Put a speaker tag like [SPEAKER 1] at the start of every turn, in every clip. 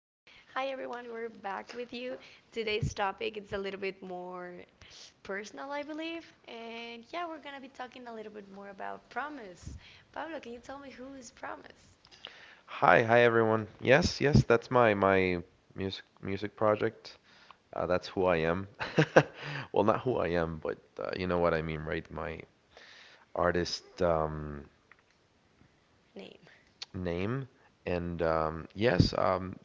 [SPEAKER 1] Hi everyone, we're back with you. Today's topic it's a little bit more personal, I believe, and yeah, we're gonna be talking a little bit more about promise. Pablo, can you tell me who is promise
[SPEAKER 2] Hi everyone. Yes, that's my music project. That's who I am. Well, not who I am, but you know what I mean, right? My artist
[SPEAKER 1] name?
[SPEAKER 2] name. And yes,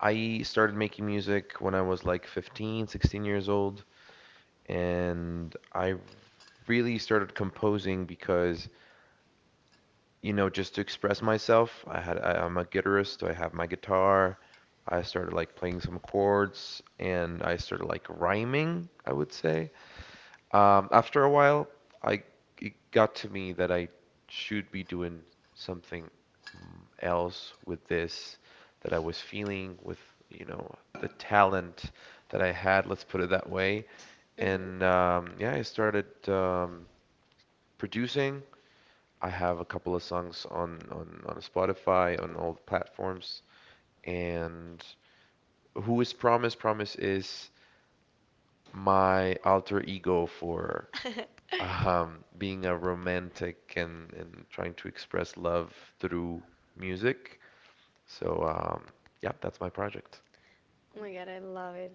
[SPEAKER 2] I started making music when I was like 15, 16 years old, and I really started composing because you know, just to express myself. I'm a guitarist, so I have my guitar. I started like playing some chords and I started like rhyming, I would say. After a while, I it got to me that I should be doing something else with this that I was feeling with, you know, the talent that I had, let's put it that way.
[SPEAKER 1] Mm-hmm.
[SPEAKER 2] And Yeah, I started producing. I have a couple of songs on on Spotify, on all the platforms. And who is Promise? Promise is my alter ego for being a romantic and trying to express love through music. So um, yeah, that's my project.
[SPEAKER 1] Oh my god, I love it.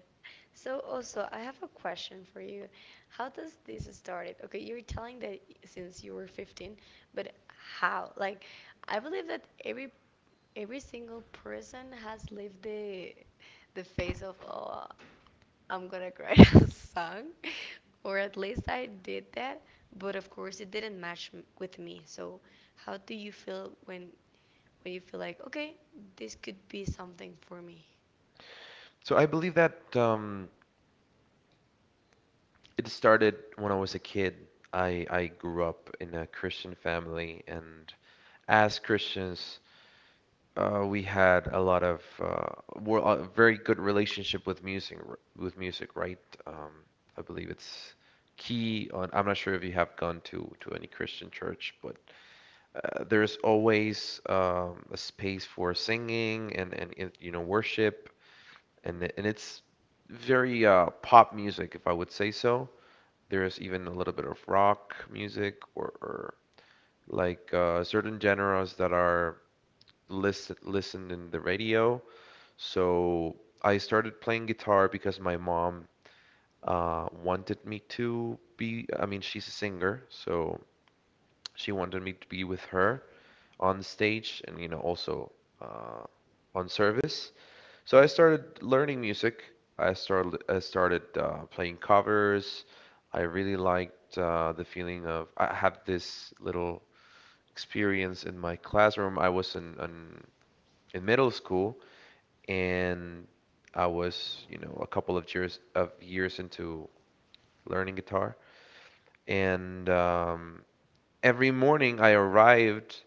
[SPEAKER 1] So also, I have a question for you. How does this started? Okay, you're telling that since you were 15, but how? Like, I believe that every single person has lived the phase of oh I'm gonna write a song, or at least I did that. But of course, it didn't match with me. So, how do you feel when you feel like okay, this could be something for me?
[SPEAKER 2] So I believe that it started when I was a kid. I grew up in a Christian family, and as Christians, we had a lot of we a very good relationship with music, with music, right? Um, I believe it's key on. I'm not sure if you have gone to any Christian church, but there's always a space for singing and you know worship, and it's very pop music, if I would say so. There's even a little bit of rock music, or like certain genres that are listed listened in the radio. So I started playing guitar because my mom wanted me to be, I mean, she's a singer, so she wanted me to be with her on the stage, and, you know, also uh, on service. So I started learning music. I started playing covers. I really liked the feeling of, I had this little experience in my classroom. I was in middle school, and I was, you know, a couple of years into learning guitar. And Every morning I arrived,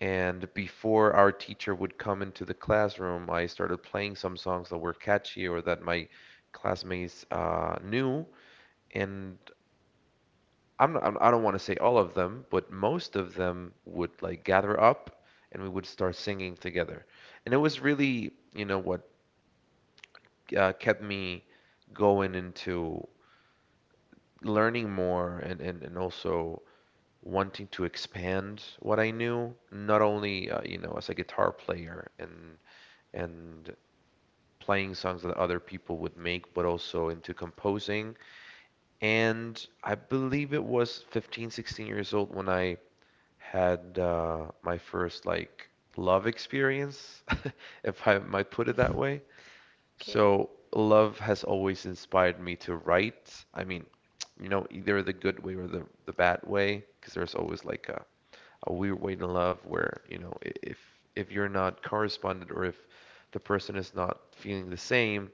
[SPEAKER 2] and before our teacher would come into the classroom, I started playing some songs that were catchy or that my classmates knew. And I am not I I do not want to say all of them, but most of them would like gather up, and we would start singing together. And it was really, you know, what kept me going into learning more, and also wanting to expand what I knew, not only you know as a guitar player and playing songs that other people would make, but also into composing. And I believe it was 15, 16 years old when I had my first like love experience, if I might put it that way.
[SPEAKER 1] Okay.
[SPEAKER 2] So, love has always inspired me to write. I mean, you know, either the good way or the bad way, because there's always like a weird way to love where, you know, if you're not corresponded or if the person is not feeling the same,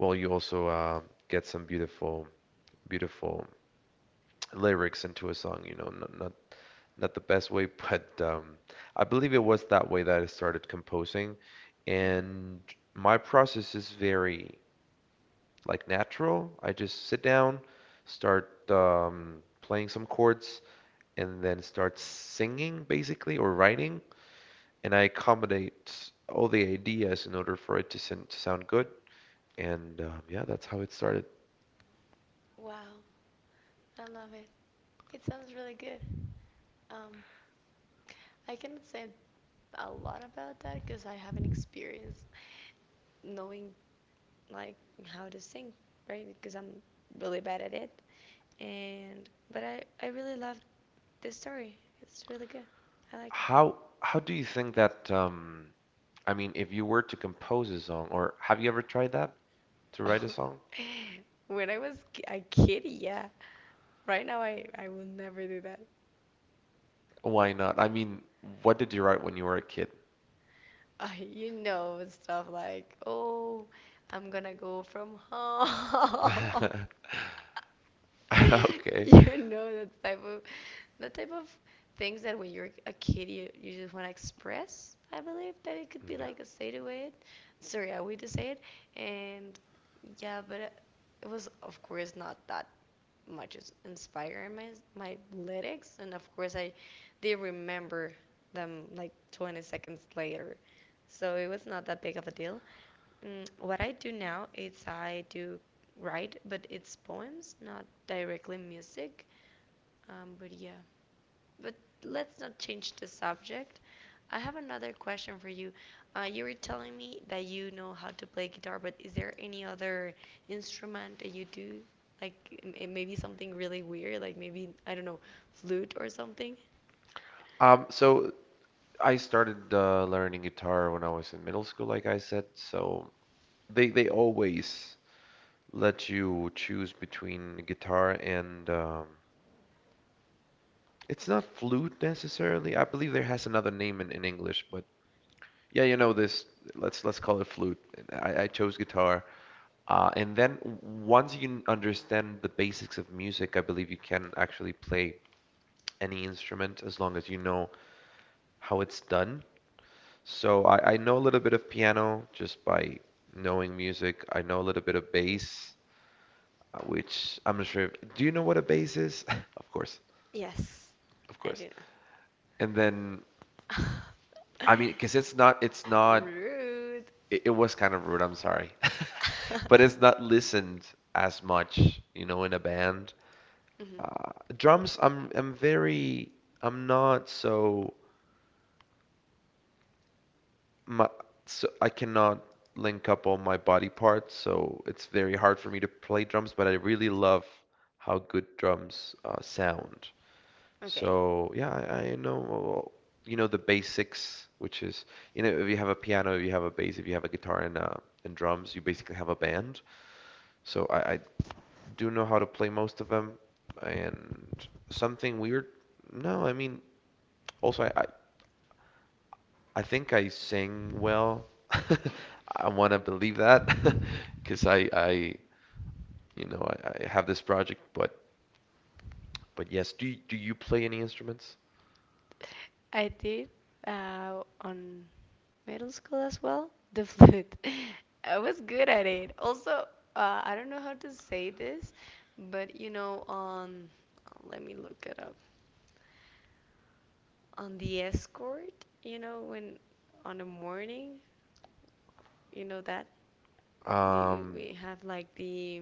[SPEAKER 2] well, you also get some beautiful, beautiful lyrics into a song, you know, not the best way, but I believe it was that way that I started composing.
[SPEAKER 1] Hmm.
[SPEAKER 2] And my process is very like natural. I just sit down, start playing some chords, and then start singing basically or writing, and I accommodate all the ideas in order for it to, to sound good. And yeah, that's how it started.
[SPEAKER 1] Wow, I love it. It sounds really good. Um, I cannot say a lot about that because I haven't experienced knowing like how to sing, right? Because I'm really bad at it. And but I really love this story. It's really good. I like
[SPEAKER 2] How do you think that I mean, if you were to compose a song, or have you ever tried that to
[SPEAKER 1] it.
[SPEAKER 2] write a song?
[SPEAKER 1] When I was a kid, yeah. Right now, I will never do that.
[SPEAKER 2] Why not? I mean, what did you write when you were a kid?
[SPEAKER 1] I you know stuff like oh, I'm gonna go from home.
[SPEAKER 2] Okay.
[SPEAKER 1] You know that type of things that when you're a kid you just want to express I believe that it could
[SPEAKER 2] Mm,
[SPEAKER 1] be
[SPEAKER 2] yeah.
[SPEAKER 1] like a say to it sorry I way to say it and yeah but it was of course not that much as inspiring my my lyrics and of course I they remember them like 20 seconds later so it was not that big of a deal. Mm, what I do now is I do write, but it's poems, not directly music. But yeah, but let's not change the subject. I have another question for you. You were telling me that you know how to play guitar, but is there any other instrument that you do? Like maybe something really weird, like maybe, I don't know, flute or something?
[SPEAKER 2] So I started learning guitar when I was in middle school, like I said. So they always let you choose between guitar and it's not flute necessarily. I believe there has another name in English, but yeah, you know this. Let's call it flute. I chose guitar, and then once you understand the basics of music, I believe you can actually play any instrument as long as you know how it's done. So I know a little bit of piano just by knowing music. I know a little bit of bass, which I'm not sure if, do you know what a bass is? Of course,
[SPEAKER 1] Yes,
[SPEAKER 2] of
[SPEAKER 1] I
[SPEAKER 2] course.
[SPEAKER 1] do
[SPEAKER 2] And then
[SPEAKER 1] know.
[SPEAKER 2] I mean, because it's not
[SPEAKER 1] Rude.
[SPEAKER 2] it was kind of rude, I'm sorry. But it's not listened as much, you know, in a band.
[SPEAKER 1] Mhm.
[SPEAKER 2] Drums, I'm very I'm not so my so I cannot link up all my body parts, so it's very hard for me to play drums, but I really love how good drums sound.
[SPEAKER 1] Okay.
[SPEAKER 2] So yeah, I know well, you know the basics, which is you know if you have a piano, if you have a bass, if you have a guitar and drums, you basically have a band. So I do know how to play most of them, and something weird. No, I mean also I think I sing well. I want to believe that because you know, I have this project. But yes, do you play any instruments?
[SPEAKER 1] I did on middle school as well. The flute. I was good at it. Also, I don't know how to say this, but you know, on let me look it up. On the escort, you know, when on the morning, you know that we,
[SPEAKER 2] Um,
[SPEAKER 1] we have like the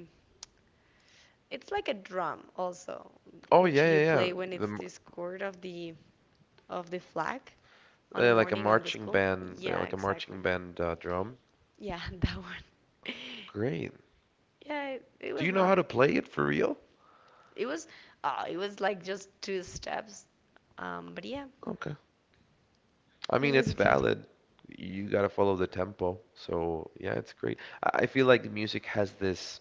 [SPEAKER 1] it's like a drum also,
[SPEAKER 2] oh
[SPEAKER 1] which you
[SPEAKER 2] yeah.
[SPEAKER 1] play when
[SPEAKER 2] The
[SPEAKER 1] it's
[SPEAKER 2] m-
[SPEAKER 1] this chord of the flag on the morning of the school.
[SPEAKER 2] they're
[SPEAKER 1] Yeah,
[SPEAKER 2] like a
[SPEAKER 1] exactly.
[SPEAKER 2] marching band drum.
[SPEAKER 1] Yeah, that one.
[SPEAKER 2] Great.
[SPEAKER 1] Yeah, it
[SPEAKER 2] Do
[SPEAKER 1] was
[SPEAKER 2] you know
[SPEAKER 1] not.
[SPEAKER 2] how to play it for real?
[SPEAKER 1] It was. It was like just two steps. But yeah.
[SPEAKER 2] Okay. I
[SPEAKER 1] It
[SPEAKER 2] mean,
[SPEAKER 1] was
[SPEAKER 2] it's
[SPEAKER 1] good.
[SPEAKER 2] valid. You gotta follow the tempo. So yeah, it's great. I feel like music has this,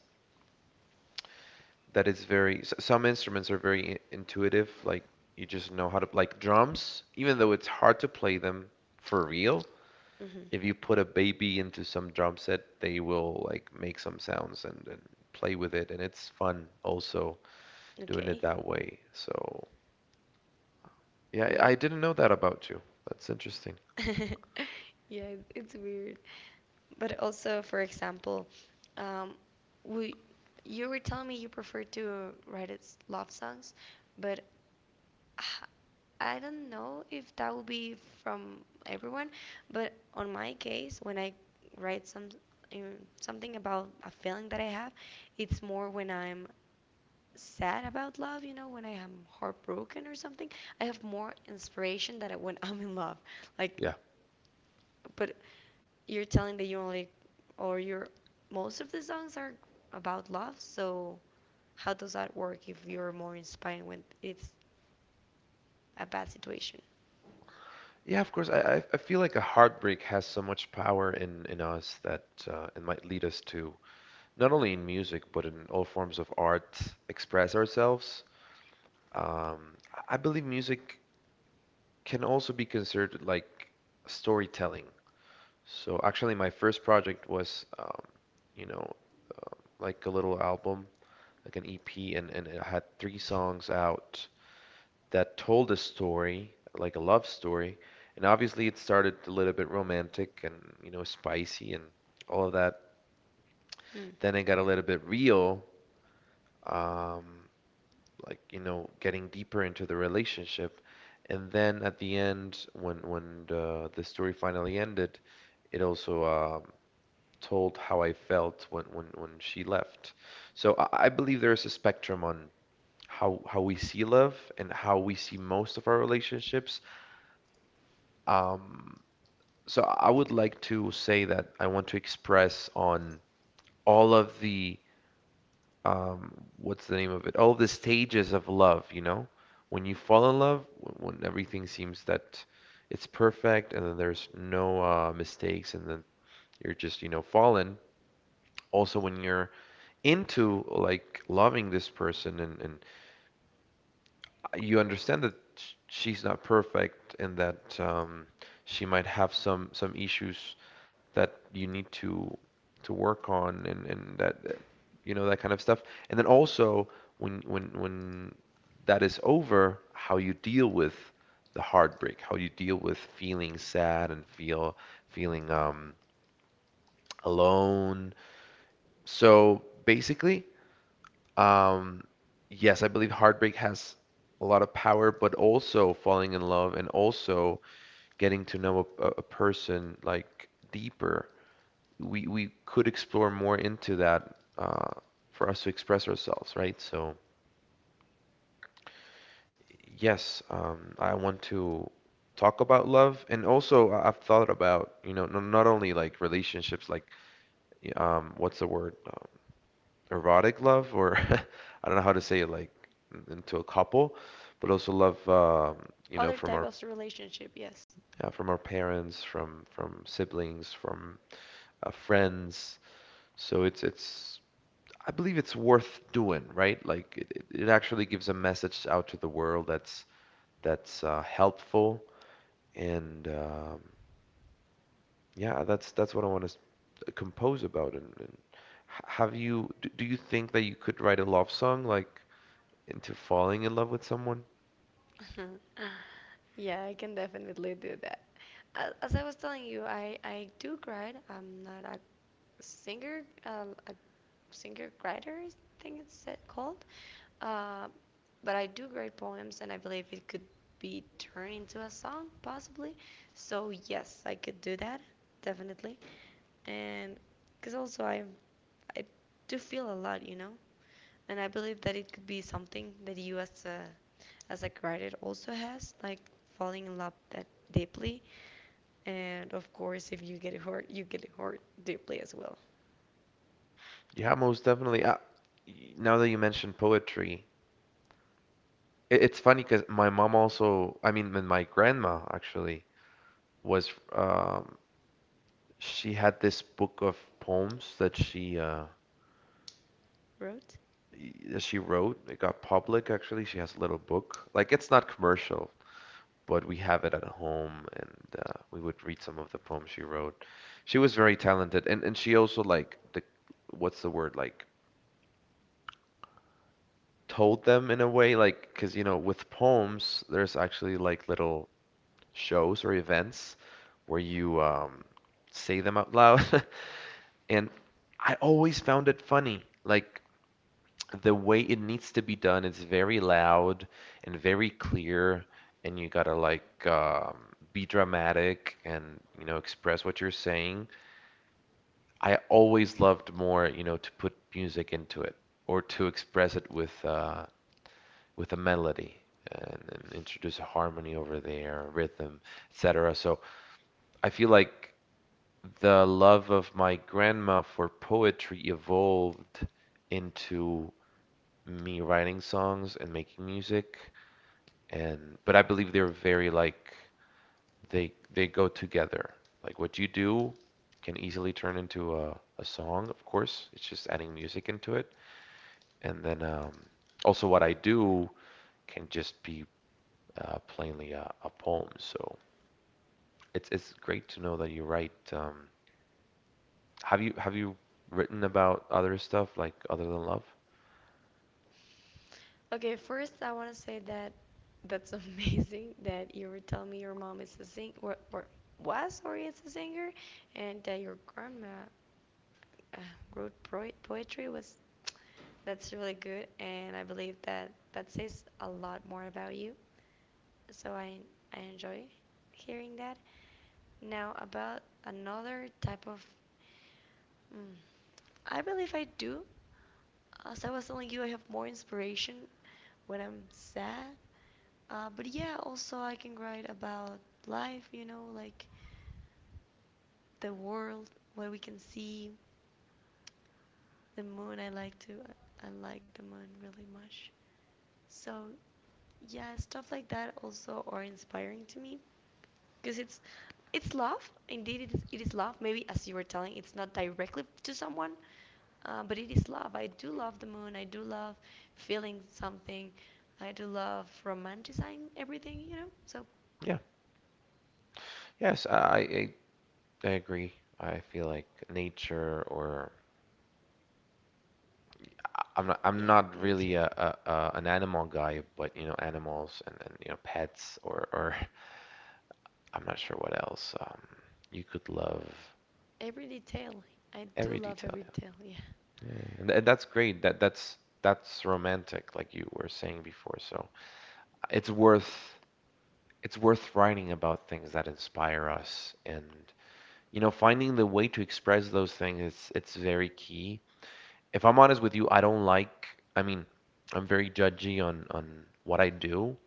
[SPEAKER 2] that is very some instruments are very intuitive, like you just know how to, like drums, even though it's hard to play them for real,
[SPEAKER 1] Mm-hmm.
[SPEAKER 2] if you put a baby into some drum set they will like make some sounds and, play with it, and it's fun also doing it
[SPEAKER 1] Okay.
[SPEAKER 2] that way. So yeah, I didn't know that about you, that's interesting.
[SPEAKER 1] Mm-hmm. Yeah, it's weird. But also, for example, um, we you were telling me you prefer to write its love songs, but h- I don't know if that will be from everyone, but on my case, when I write some um, something about a feeling that I have, it's more when I'm sad about love, you know, when I am heartbroken or something. I have more inspiration than when I'm in love. Like,
[SPEAKER 2] yeah
[SPEAKER 1] but you're telling that you only, or your most of the songs are about love, so how does that work if you're more inspired when it's a bad situation?
[SPEAKER 2] yeah, of course. I feel like a heartbreak has so much power in us that it might lead us to not only in music but in all forms of art express ourselves. I believe music can also be considered like storytelling. So actually, my first project was, you know, like a little album, like an EP, and, it had three songs out that told a story, like a love story. And obviously, it started a little bit romantic, and, you know, spicy and all of that.
[SPEAKER 1] Hmm.
[SPEAKER 2] Then it got a little bit real. Um, like you know getting deeper into the relationship, and then at the end when the story finally ended, it also told how I felt when when she left. So I believe there is a spectrum on how we see love and how we see most of our relationships. um so I would like to say that I want to express on all of the what's the name of it? All the stages of love, you know? When you fall in love, when everything seems that it's perfect and then there's no mistakes and then you're just, you know, fallen. Also when you're into like loving this person, and you understand that she's not perfect, and that she might have some issues that you need to work on, and you know, that kind of stuff. And then also when when that is over, how you deal with the heartbreak, how you deal with feeling sad and feeling alone. So basically, um yes, I believe heartbreak has a lot of power, but also falling in love, and also getting to know a person like deeper. We could explore more into that for us to express ourselves, right? So yes, I want to talk about love, and also I've thought about you know not only like relationships, like what's the word, erotic love, or I don't know how to say it, like into a couple, but also love you
[SPEAKER 1] Other
[SPEAKER 2] know from
[SPEAKER 1] type
[SPEAKER 2] our
[SPEAKER 1] of relationship, yes.
[SPEAKER 2] yeah, from our parents, from siblings, from friends. So it's I believe it's worth doing, right? Like it it actually gives a message out to the world that's helpful, and yeah, that's what I want to compose about. Have you do you think that you could write a love song like into falling in love with someone?
[SPEAKER 1] Yeah, I can definitely do that. As I was telling you, I do write. I'm not a singer, singer writer, I think it's called. Uh, but I do great poems, and I believe it could be turned into a song, possibly. So yes, I could do that, definitely. And because also I do feel a lot, you know. And I believe that it could be something that you as as a writer also has, like falling in love that deeply. And of course, if you get hurt, you get hurt deeply as well.
[SPEAKER 2] Yeah, most definitely. Now that you mentioned poetry, it's funny because my mom also, I mean, my grandma actually was she had this book of poems
[SPEAKER 1] Right?
[SPEAKER 2] that she wrote. It got public, actually. She has a little book. Like, it's not commercial, but we have it at home, and we would read some of the poems she wrote. She was very talented, and she also like the what's the word like told them in a way, like because you know with poems there's actually like little shows or events where you say them out loud, and I always found it funny. Like the way it needs to be done it's very loud and very clear and you gotta be dramatic and you know express what you're saying. I always loved, more you know, to put music into it or to express it with a melody, and introduce a harmony over there rhythm, etc. So I feel like the love of my grandma for poetry evolved into me writing songs and making music. And but I believe they're very like they go together. Like what you do can easily turn into a song, of course. It's just adding music into it. And then also what I do can just be plainly a poem. So it's great to know that you write. Have you written about other stuff like other than love?
[SPEAKER 1] Okay, first I want to say that that's amazing that you were telling me your mom is a sing or was or is a singer, and that your grandma uh, wrote poetry was that's really good, and I believe that that says a lot more about you. So I enjoy hearing that. Now about another type of, mm, I believe I do as I was telling you, I have more inspiration when I'm sad. But yeah, also I can write about life, you know, like the world, what we can see, the moon. I like the moon really much. So yeah, stuff like that also are inspiring to me because it's love. Indeed, it is love. Maybe as you were telling, it's not directly to someone. But it is love. I do love the moon. I do love feeling something. I do love romanticizing everything, you know? So,
[SPEAKER 2] Yeah. Yes, I I agree. I feel like nature or I'm not
[SPEAKER 1] yeah, nature.
[SPEAKER 2] really a an animal guy, but you know, animals and you know, pets or I'm not sure what else. You could love
[SPEAKER 1] Every detail. I do
[SPEAKER 2] every
[SPEAKER 1] love
[SPEAKER 2] detail,
[SPEAKER 1] every
[SPEAKER 2] yeah.
[SPEAKER 1] detail, yeah.
[SPEAKER 2] Yeah, th that's great. That's that's romantic, like you were saying before. So it's worth it's worth writing about things that inspire us and, you know, finding the way to express those things, it's very key. If I'm honest with you, I don't like. I mean, I'm very judgy on what I do,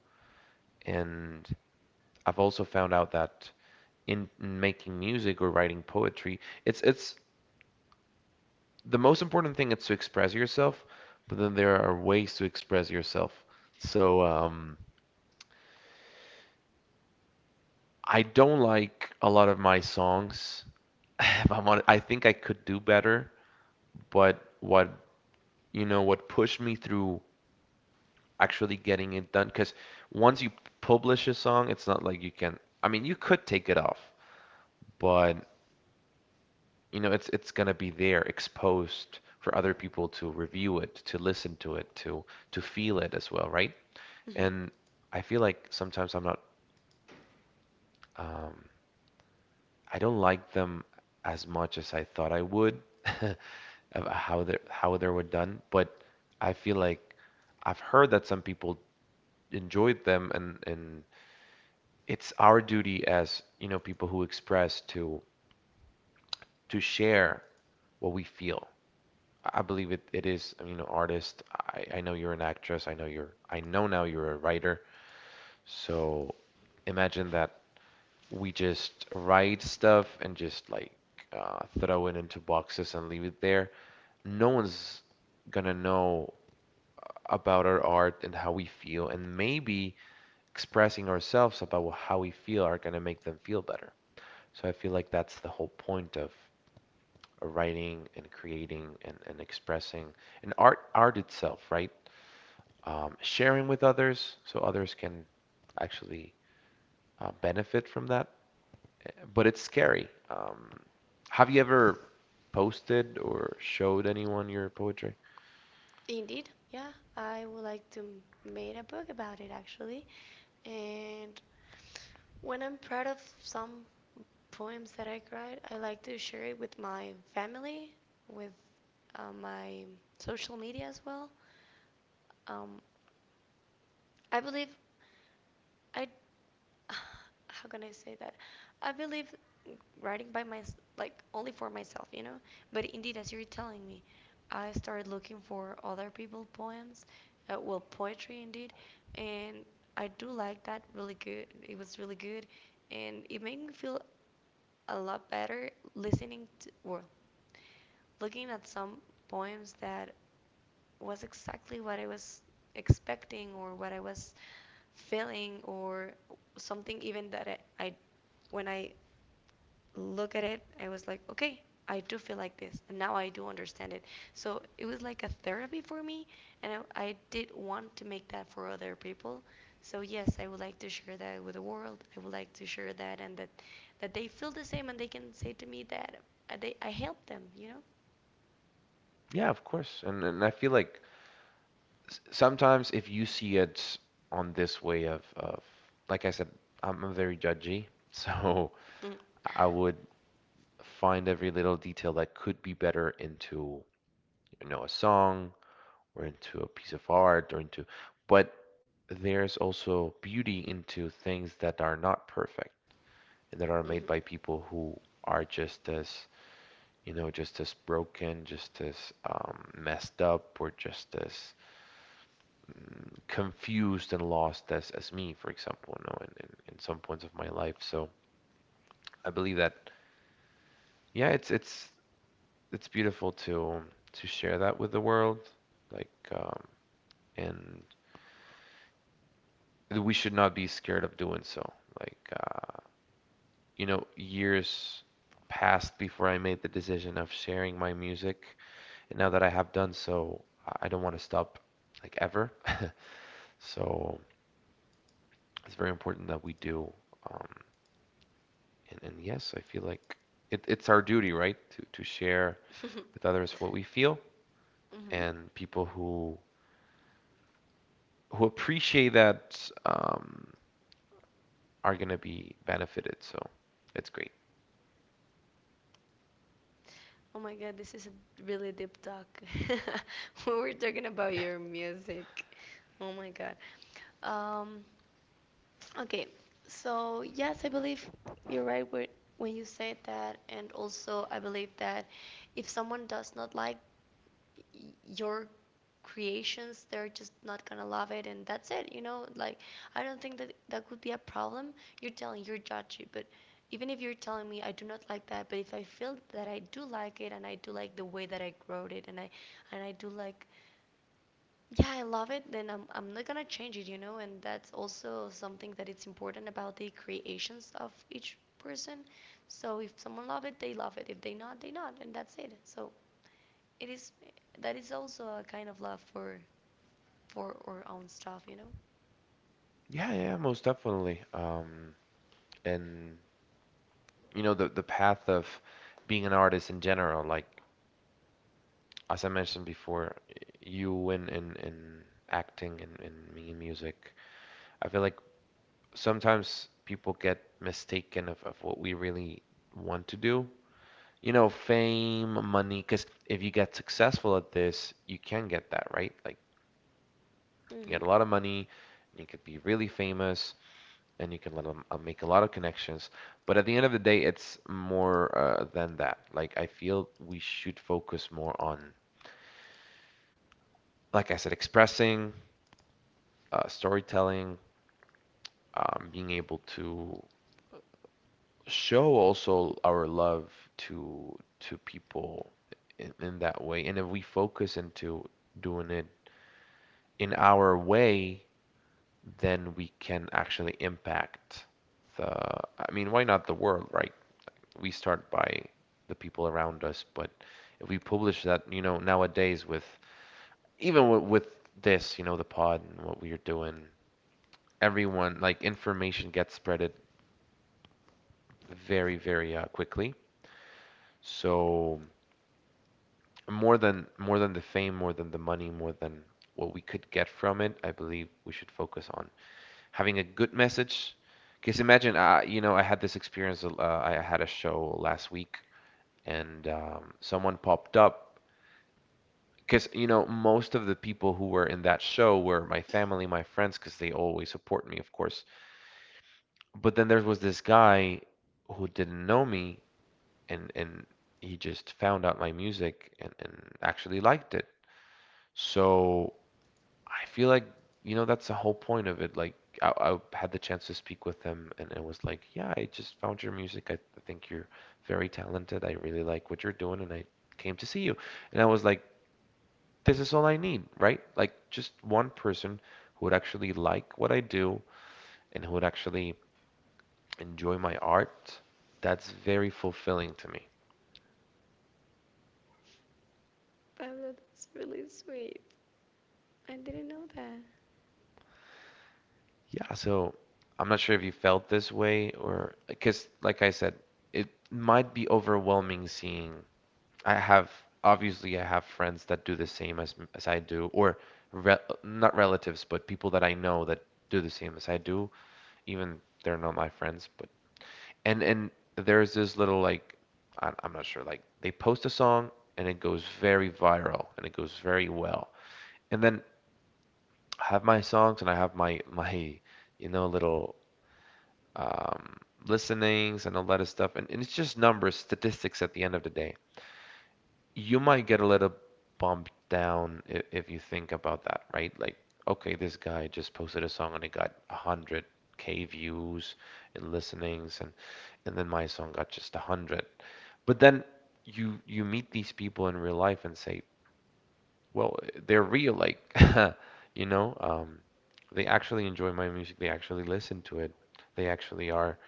[SPEAKER 2] and I've also found out that in making music or writing poetry, it's the most important thing is to express yourself, but then there are ways to express yourself. So I don't like a lot of my songs. If I'm honest, I think I could do better, but what, you know, what pushed me through actually getting it done, because once you publish a song, it's not like you can. I mean, you could take it off, but you know, it's gonna be there exposed for other people to review it, to listen to it, to feel it as well, right?
[SPEAKER 1] Hmm.
[SPEAKER 2] And I feel like sometimes I'm not, um, I don't like them as much as I thought I would, of how they were done. But I feel like I've heard that some people enjoyed them, and it's our duty as, you know, people who express to share what we feel. I believe it is, you know, artist. I know you're an actress. I know you're, I know now you're a writer. So imagine that we just write stuff and just like throw it into boxes and leave it there. No one's gonna know about our art and how we feel, and maybe expressing ourselves about how we feel are gonna make them feel better. So I feel like that's the whole point of writing and creating and expressing and art art itself, right? Sharing with others so others can actually benefit from that. But it's scary. Have you ever posted or showed anyone your poetry?
[SPEAKER 1] Indeed, yeah. I would like to make a book about it actually. And when I'm proud of some poems that I write, I like to share it with my family, with my social media as well. Um, I believe I how can I say that? I believe writing by my like only for myself, you know. But indeed, as you're telling me, I started looking for other people poems, well poetry indeed, and I do like that really good. It was really good, and it made me feel a lot better listening to well, looking at some poems that was exactly what I was expecting or what I was feeling or something even that I when I look at it, I was like, okay, I do feel like this, and now I do understand it. So it was like a therapy for me, and I did want to make that for other people. So yes, I would like to share that with the world. I would like to share that, and that that they feel the same, and they can say to me that I helped them. You know.
[SPEAKER 2] Yeah, of course. And I feel like sometimes if you see it on this way of like I said, I'm very judgy, so I would find every little detail that could be better into, you know, a song or into a piece of art or into. But there's also beauty into things that are not perfect and that are made by people who are just as, you know, just as broken, just as messed up or just as confused and lost as me, for example, you know, in some points of my life. So I believe that yeah, it's beautiful to share that with the world, like um and we should not be scared of doing so. Like you know, years passed before I made the decision of sharing my music, and now that I have done so, I don't want to stop, like, ever. So it's very important that we do. um and yes, I feel like it's our duty, right, to share
[SPEAKER 1] Mm-hmm.
[SPEAKER 2] with others what we feel.
[SPEAKER 1] Mm-hmm.
[SPEAKER 2] And people who appreciate that are going to be benefited. So it's great.
[SPEAKER 1] Oh my god, this is a really deep talk. We were talking about your music. Oh my god. Um, okay, so yes, I believe you're right when you said that, and also I believe that if someone does not like your creations they're just not gonna love it and that's it you know like I don't think that that could be a problem you're telling you're judgy but even if you're telling me I do not like that but if I feel that I do like it and I do like the way that I wrote it and I do like yeah I love it then I'm not gonna change it you know and that's also something that it's important about the creations of each person so if someone love it they love it if they not they not and that's it so it is that is also a kind of love for our own stuff, you know.
[SPEAKER 2] Yeah, yeah, most definitely. And you know the path of being an artist in general, like as I mentioned before, you in acting and me in music, I feel like sometimes people get mistaken of what we really want to do. You know, fame, money, because if you get successful at this, you can get that, right? Like
[SPEAKER 1] Mm-hmm.
[SPEAKER 2] you get a lot of money, you could be really famous, and you can let them make a lot of connections. But at the end of the day, it's more than that. Like, I feel we should focus more on, like I said, expressing, storytelling, being able to show also our love to people in that way. And if we focus into doing it in our way, then we can actually impact the, I mean, why not the world, right? We start by the people around us. But if we publish that, you know, nowadays with even with this, you know, the pod and what we are doing, everyone, like, information gets spreaded very, very quickly. So more than the fame, more than the money, more than what we could get from it, I believe we should focus on having a good message. Because imagine, you know, I had this experience. I had a show last week, and someone popped up. Because, you know, most of the people who were in that show were my family, my friends, because they always support me, of course. But then there was this guy who didn't know me and he just found out my music, and actually liked it. So I feel like, you know, that's the whole point of it. Like I had the chance to speak with him and it was like, yeah, I just found your music. I think you're very talented. I really like what you're doing and I came to see you. And I was like, this is all I need, right? Like just one person who would actually like what I do and who would actually enjoy my art. That's very fulfilling to me.
[SPEAKER 1] Pablo, that's really sweet. I didn't know that.
[SPEAKER 2] Yeah, so I'm not sure if you felt this way or because, like I said, it might be overwhelming seeing. I have obviously I have friends that do the same as I do, or re not relatives, but people that I know that do the same as I do. Even they're not my friends, but and there's this little like I'm not sure, like, they post a song and it goes very viral and it goes very well. And then I have my songs and I have my my, you know, little um listenings and all that stuff, and it's just numbers, statistics at the end of the day. You might get a little bumped down if you think about that, right? Like, okay, this guy just posted a song and it got 100K views and listenings and then my song got just 100. But then you meet these people in real life and say, well, they're real, like, you know, they actually enjoy my music, they actually listen to it, they actually are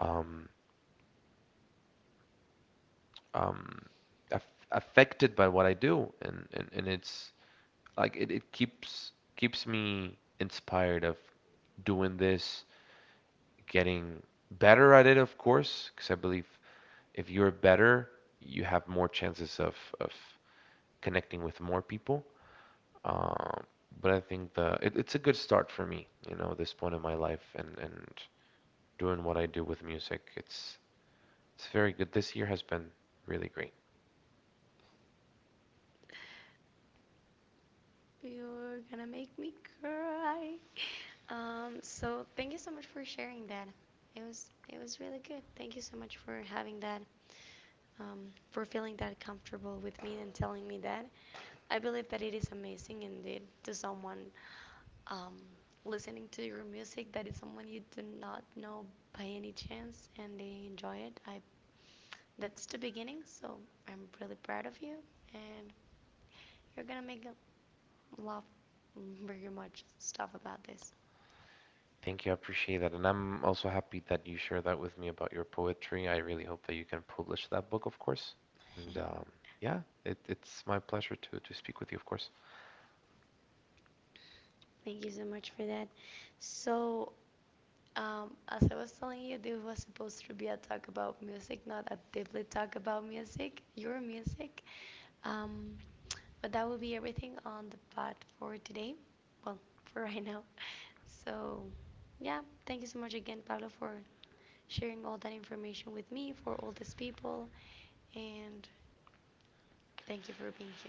[SPEAKER 2] um, um, aff affected by what I do, and and it's like it keeps me inspired of doing this, getting better at it, of course, because I believe if you're better, you have more chances of connecting with more people. Um, but I think the it's a good start for me, you know, this point in my life and doing what I do with music. It's very good. This year has been really great.
[SPEAKER 1] You're gonna make me cry. So thank you so much for sharing that. It was really good. Thank you so much for having that for feeling that comfortable with me and telling me that. I believe that it is amazing indeed to someone um, listening to your music that is someone you do not know by any chance and they enjoy it. I that's the beginning, so I'm really proud of you and you're gonna make a lot very much stuff about this.
[SPEAKER 2] Thank you. I appreciate that. And I'm also happy that you share that with me about your poetry. I really hope that you can publish that book, of course. And yeah, it's my pleasure to speak with you, of course.
[SPEAKER 1] Thank you so much for that. So as I was telling you, this was supposed to be a talk about music, not a deeply talk about music, your music. Um, but that will be everything on the pod for today. Well, for right now. So, yeah, thank you so much again, Pablo, for sharing all that information with me, for all these people, and thank you for being here.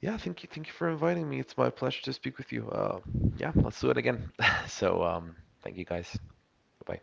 [SPEAKER 2] Yeah, thank you. Thank you for inviting me. It's my pleasure to speak with you. Yeah, let's do it again. So um, thank you guys. Bye.